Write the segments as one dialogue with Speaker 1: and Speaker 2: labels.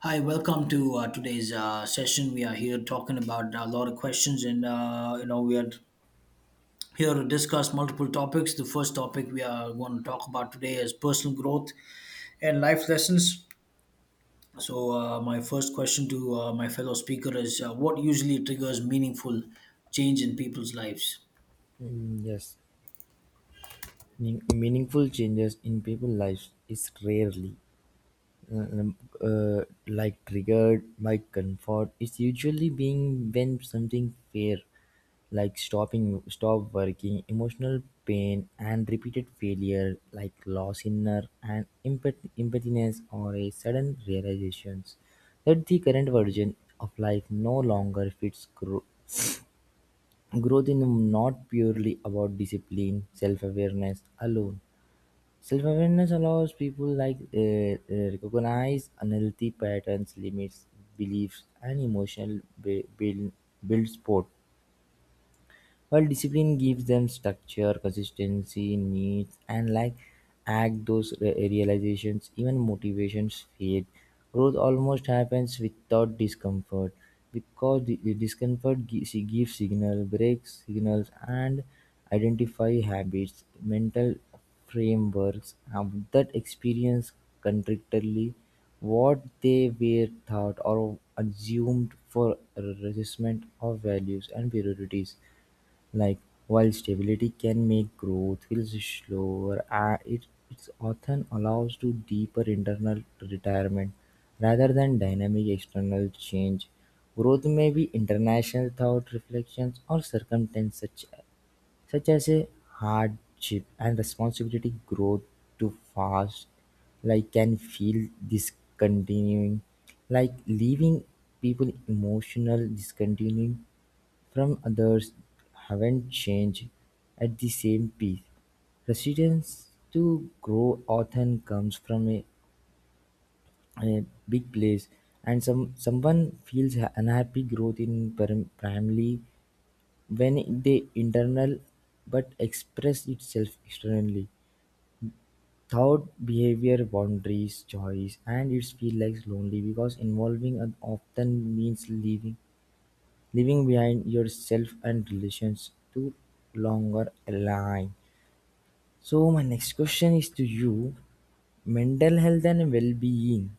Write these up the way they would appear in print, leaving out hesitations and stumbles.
Speaker 1: Hi, welcome to today's session. We are here talking about a lot of questions, and we are here to discuss multiple topics. The first topic we are going to talk about today is personal growth and life lessons. My first question to my fellow speaker is: What usually triggers meaningful change in people's lives?
Speaker 2: Yes. Meaningful changes in people's lives is rarely uh, um, uh, like triggered by comfort. It's usually being when something fair, like stopping, stop working, emotional pain, and repeated failure, like loss inner and impotence, or a sudden realizations that the current version of life no longer fits. Growth is not purely about discipline, self-awareness alone. Self-awareness allows people recognize unhealthy patterns, limits, beliefs, and emotional build support. While discipline gives them structure, consistency, needs, and like act those realizations, even motivations fade. Growth almost happens without discomfort because the discomfort she gives signal, breaks signals, and identify habits, mental frameworks that experience contradictorily what they were taught or assumed for resistment of values and priorities. Like, while stability can make growth feel slower, it often allows to deeper internal retirement rather than dynamic external change. Growth may be international thought, reflections, or circumstances such as a hardship and responsibility. Growth too fast, like can feel discontinuing, like leaving people emotional discontinuing from others haven't changed at the same pace. Resistance to grow often comes from a big place, and someone feels unhappy growth in primarily when they internal but express itself externally. Thought, behavior, boundaries, choice, and it feels like lonely because involving an often means leaving behind yourself and relations to longer align. So my next question is to you: mental health and well-being.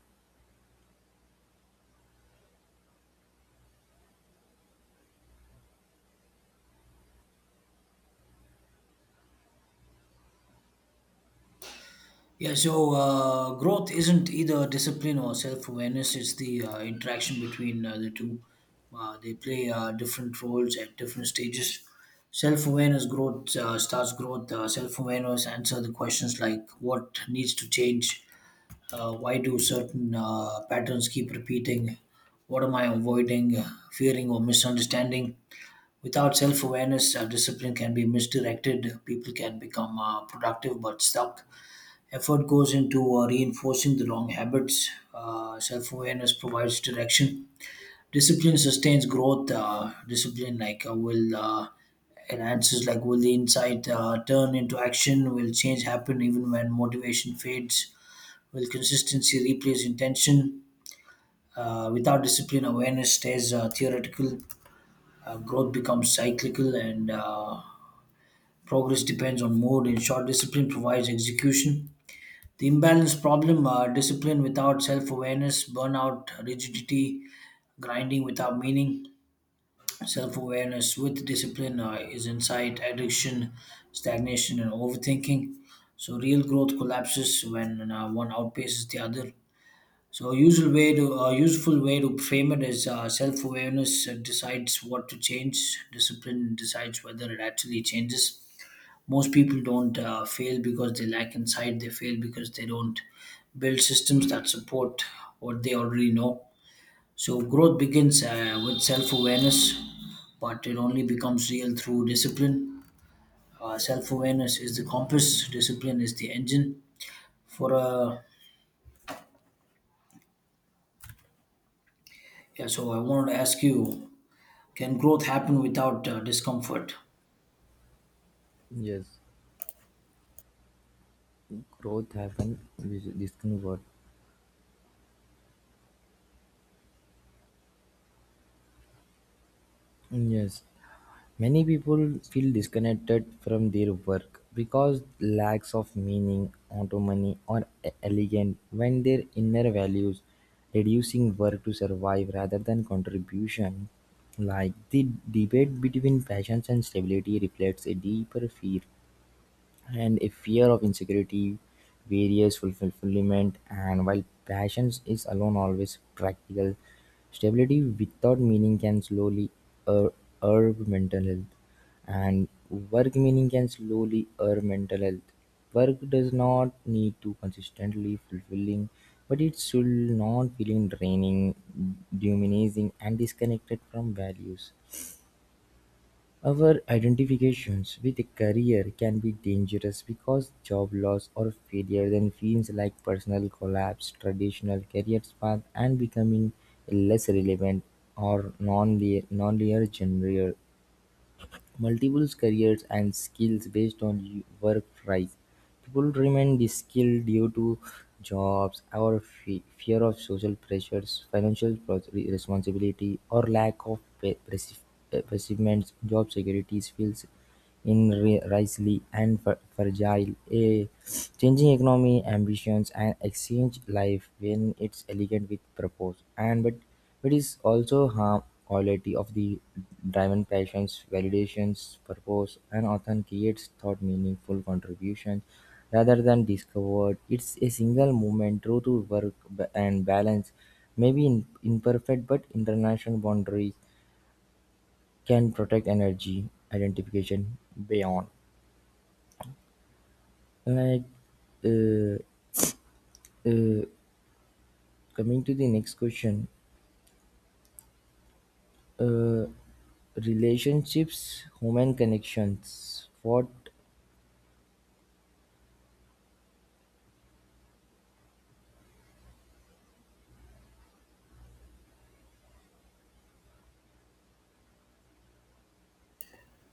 Speaker 1: Yeah, so growth isn't either discipline or self awareness, it's the interaction between the two. They play different roles at different stages. Self awareness growth starts growth. Self awareness answer the questions like what needs to change, why do certain patterns keep repeating, what am I avoiding, fearing, or misunderstanding. Without self awareness, discipline can be misdirected. People can become productive but stuck. Effort goes into reinforcing the wrong habits. Self awareness provides direction. Discipline sustains growth. Discipline, like, will enhances, like, will the insight turn into action? Will change happen even when motivation fades? Will consistency replace intention? Without discipline, awareness stays theoretical. Growth becomes cyclical, and progress depends on mood. In short, discipline provides execution. The imbalance problem, discipline without self awareness, burnout, rigidity, grinding without meaning. Self awareness with discipline is insight, addiction, stagnation, and overthinking. So, real growth collapses when one outpaces the other. So, a usual way to useful way to frame it is self awareness decides what to change, discipline decides whether it actually changes. Most people don't fail because they lack insight, they fail because they don't build systems that support what they already know. So growth begins with self-awareness, but it only becomes real through discipline. Self-awareness is the compass, discipline is the engine. For Yeah, so I wanted to ask you, can growth happen without discomfort?
Speaker 2: Yes, growth happen with this new word. Yes. Many people feel disconnected from their work because lacks of meaning, autonomy, or elegance when their inner values reducing work to survive rather than contribution. Like the debate between passions and stability reflects a deeper fear and a fear of insecurity various fulfillment, and while passions is alone always practical, stability without meaning can slowly er- erode mental health, and work meaning can slowly erode mental health. Work does not need to consistently fulfilling but it should not feeling draining, dehumanizing, and disconnected from values. Our identifications with a career can be dangerous because job loss or failure then feels like personal collapse, traditional career path, and becoming less relevant or non-linear genre, multiple careers and skills based on work price. People remain skilled due to jobs or fear of social pressures, financial responsibility, or lack of perceivements. Job security feels in Riley and Fragile, a changing economy, ambitions, and exchange life when it's elegant with purpose, and but it is also harm quality of the driven passions, validations, purpose, and often creates thought meaningful contributions rather than discovered. It's a single movement, true to work and balance, maybe in, imperfect, but international boundaries can protect energy identification beyond. Like, uh, uh, coming to the next question, uh, relationships, human connections. What?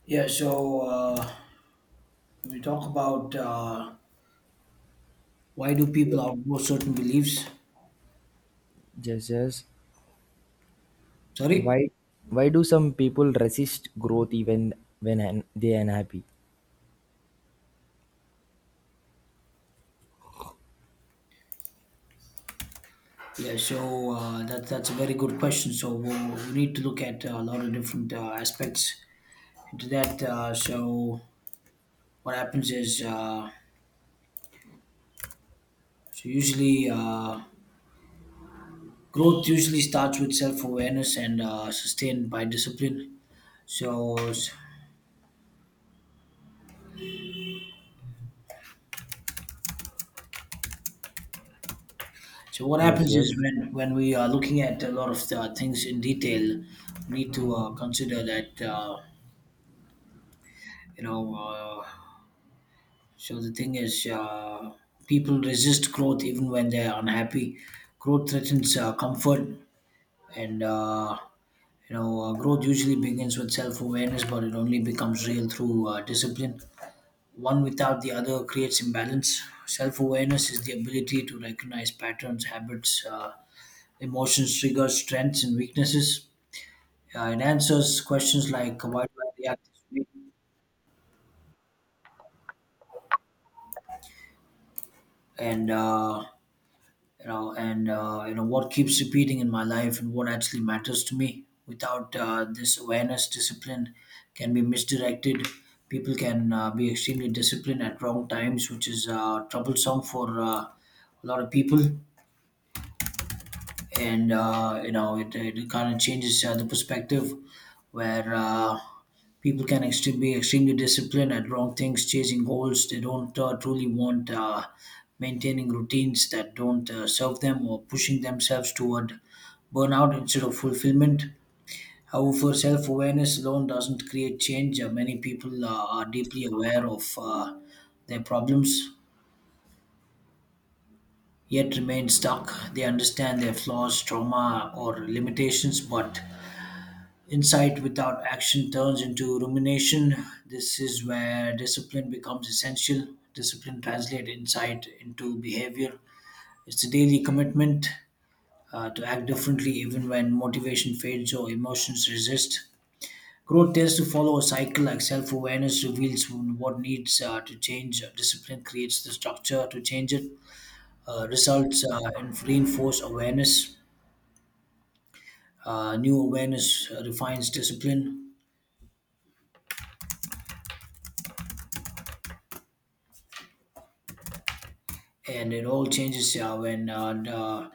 Speaker 1: Yeah, so we talk about why do people outgrow certain beliefs?
Speaker 2: Jesus?
Speaker 1: Sorry.
Speaker 2: Why, why do some people resist growth even when they are unhappy?
Speaker 1: Yeah, so that's a very good question. So we need to look at a lot of different aspects into that. So what happens is, so usually growth usually starts with self-awareness and sustained by discipline. So what
Speaker 2: Yes,
Speaker 1: happens is
Speaker 2: yes,
Speaker 1: when we are looking at a lot of things in detail, we need to consider that you know. Uh, so the thing is, people resist growth even when they are unhappy. Growth threatens comfort, and growth usually begins with self-awareness, but it only becomes real through discipline. One without the other creates imbalance. Self-awareness is the ability to recognize patterns, habits, emotions, triggers, strengths, and weaknesses. It answers questions like, "Why do I react this way?" and what keeps repeating in my life and what actually matters to me. Without this awareness, discipline can be misdirected. People can be extremely disciplined at wrong times, which is troublesome for a lot of people, and it it kind of changes the perspective where people can actually be extremely disciplined at wrong things, chasing goals they don't truly want, maintaining routines that don't serve them, or pushing themselves toward burnout instead of fulfillment. However, self-awareness alone doesn't create change. Many people are deeply aware of their problems yet remain stuck. They understand their flaws, trauma, or limitations, but insight without action turns into rumination. This is where discipline becomes essential. Discipline translates insight into behavior. It's a daily commitment to act differently even when motivation fades or emotions resist. Growth tends to follow a cycle like self awareness reveals what needs to change. Discipline creates the structure to change it. Results and reinforce awareness. New awareness refines discipline, and it all changes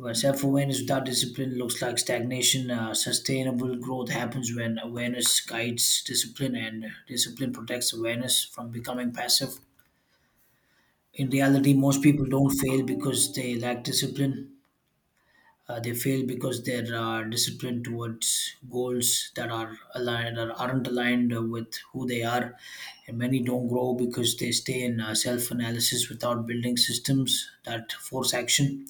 Speaker 1: when self awareness without discipline looks like stagnation. Sustainable growth happens when awareness guides discipline, and discipline protects awareness from becoming passive. In reality, most people don't fail because they lack discipline. They fail because they're disciplined towards goals that are aligned or aren't aligned with who they are, and many don't grow because they stay in self-analysis without building systems that force action.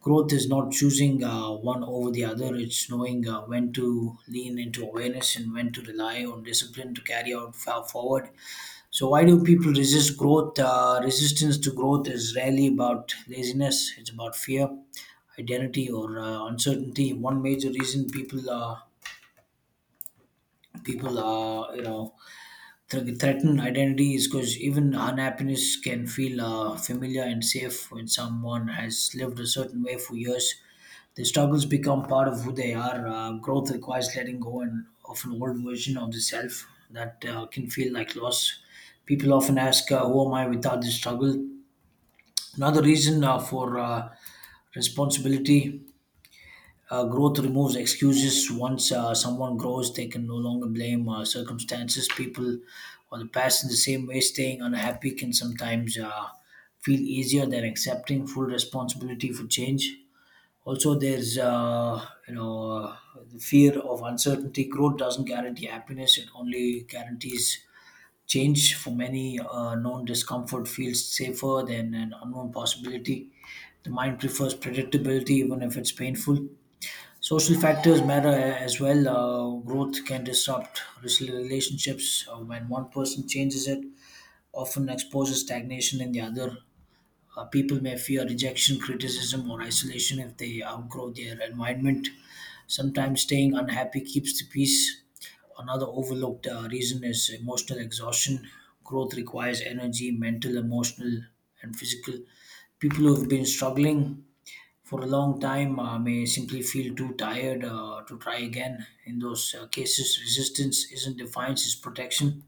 Speaker 1: Growth is not choosing one over the other, it's knowing when to lean into awareness and when to rely on discipline to carry out far forward. So, why do people resist growth? Resistance to growth is rarely about laziness, it's about fear, identity, or uncertainty. One major reason people thre- threaten identity is because even unhappiness can feel familiar and safe when someone has lived a certain way for years. Their struggles become part of who they are. Growth requires letting go and of an old version of the self that can feel like loss. People often ask, "Who am I without this struggle?" Another reason for responsibility, growth removes excuses. Once someone grows, they can no longer blame circumstances, people, or the past in the same way. Staying unhappy can sometimes feel easier than accepting full responsibility for change. Also, there's the fear of uncertainty. Growth doesn't guarantee happiness; it only guarantees change. For many, known discomfort feels safer than an unknown possibility. The mind prefers predictability, even if it's painful. Social factors matter as well. Growth can disrupt relationships when one person changes it, often exposes stagnation in the other. People may fear rejection, criticism, or isolation if they outgrow their environment. Sometimes staying unhappy keeps the peace. Another overlooked reason is emotional exhaustion. Growth requires energy, mental, emotional, and physical. People who have been struggling for a long time may simply feel too tired to try again. In those cases, resistance isn't defiance, it's protection.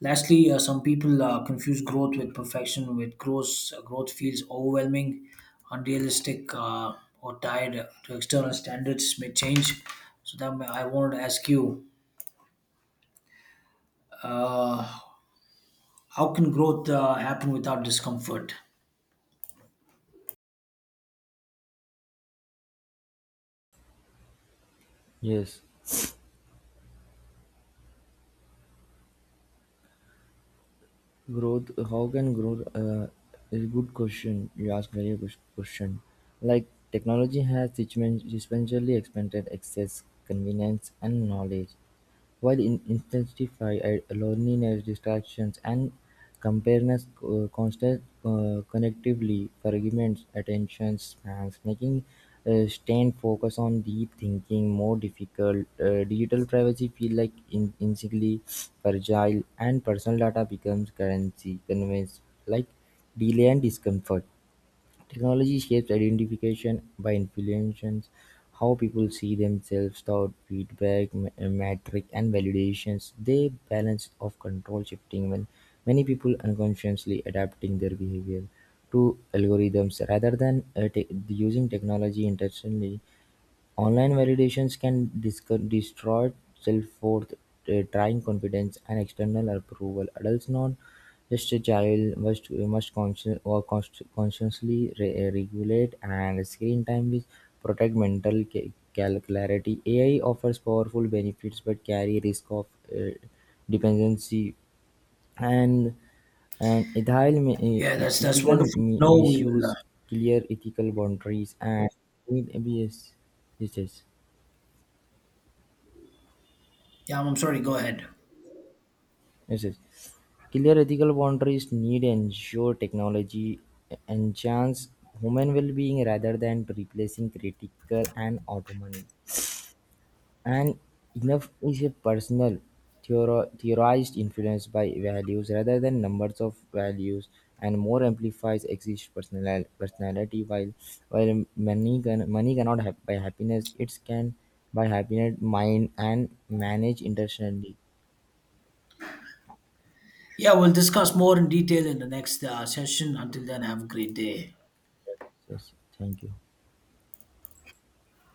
Speaker 1: Lastly, some people confuse growth with perfection. With growth, growth feels overwhelming, unrealistic, or tied to external standards may change. So that may, I wanted to ask you, uh, how can growth happen without discomfort?
Speaker 2: yes. Growth, is a good question. You ask very good question. Like technology has sequentially expanded access, convenience, and knowledge, while in intensify loneliness, distractions, and compareness, constant connectively fragments attention spans, making staying focused on deep thinking, more difficult. Digital privacy feel like intrinsically fragile, and personal data becomes currency, conveys like delay and discomfort. Technology shapes identification by influencing how people see themselves, thought, feedback, metric, and validations. They balance of control shifting when many people unconsciously adapting their behavior to algorithms rather than using technology intentionally. Online validations can destroy self-worth, train confidence, and external approval. Adults, not just a child, must consciously regulate, and screen time is protect mental clarity. AI offers powerful benefits but carry risk of uh, dependency and ethical,
Speaker 1: Yeah, that's
Speaker 2: ethical
Speaker 1: wonderful. No, we will.
Speaker 2: misuse, clear ethical boundaries, and yes, yes, yes.
Speaker 1: Yeah, I'm sorry. Go ahead.
Speaker 2: Yes, yes. Clear ethical boundaries need ensure technology enchants human well-being rather than replacing critical and autonomy. And enough is a personal theorized influence by values rather than numbers of values, and more amplifies exist personal personality, while money can money cannot have by happiness, it can by happiness mind and manage intentionally.
Speaker 1: Yeah, we'll discuss more in detail in the next session. Until then, have a great day.
Speaker 2: Yes, thank you.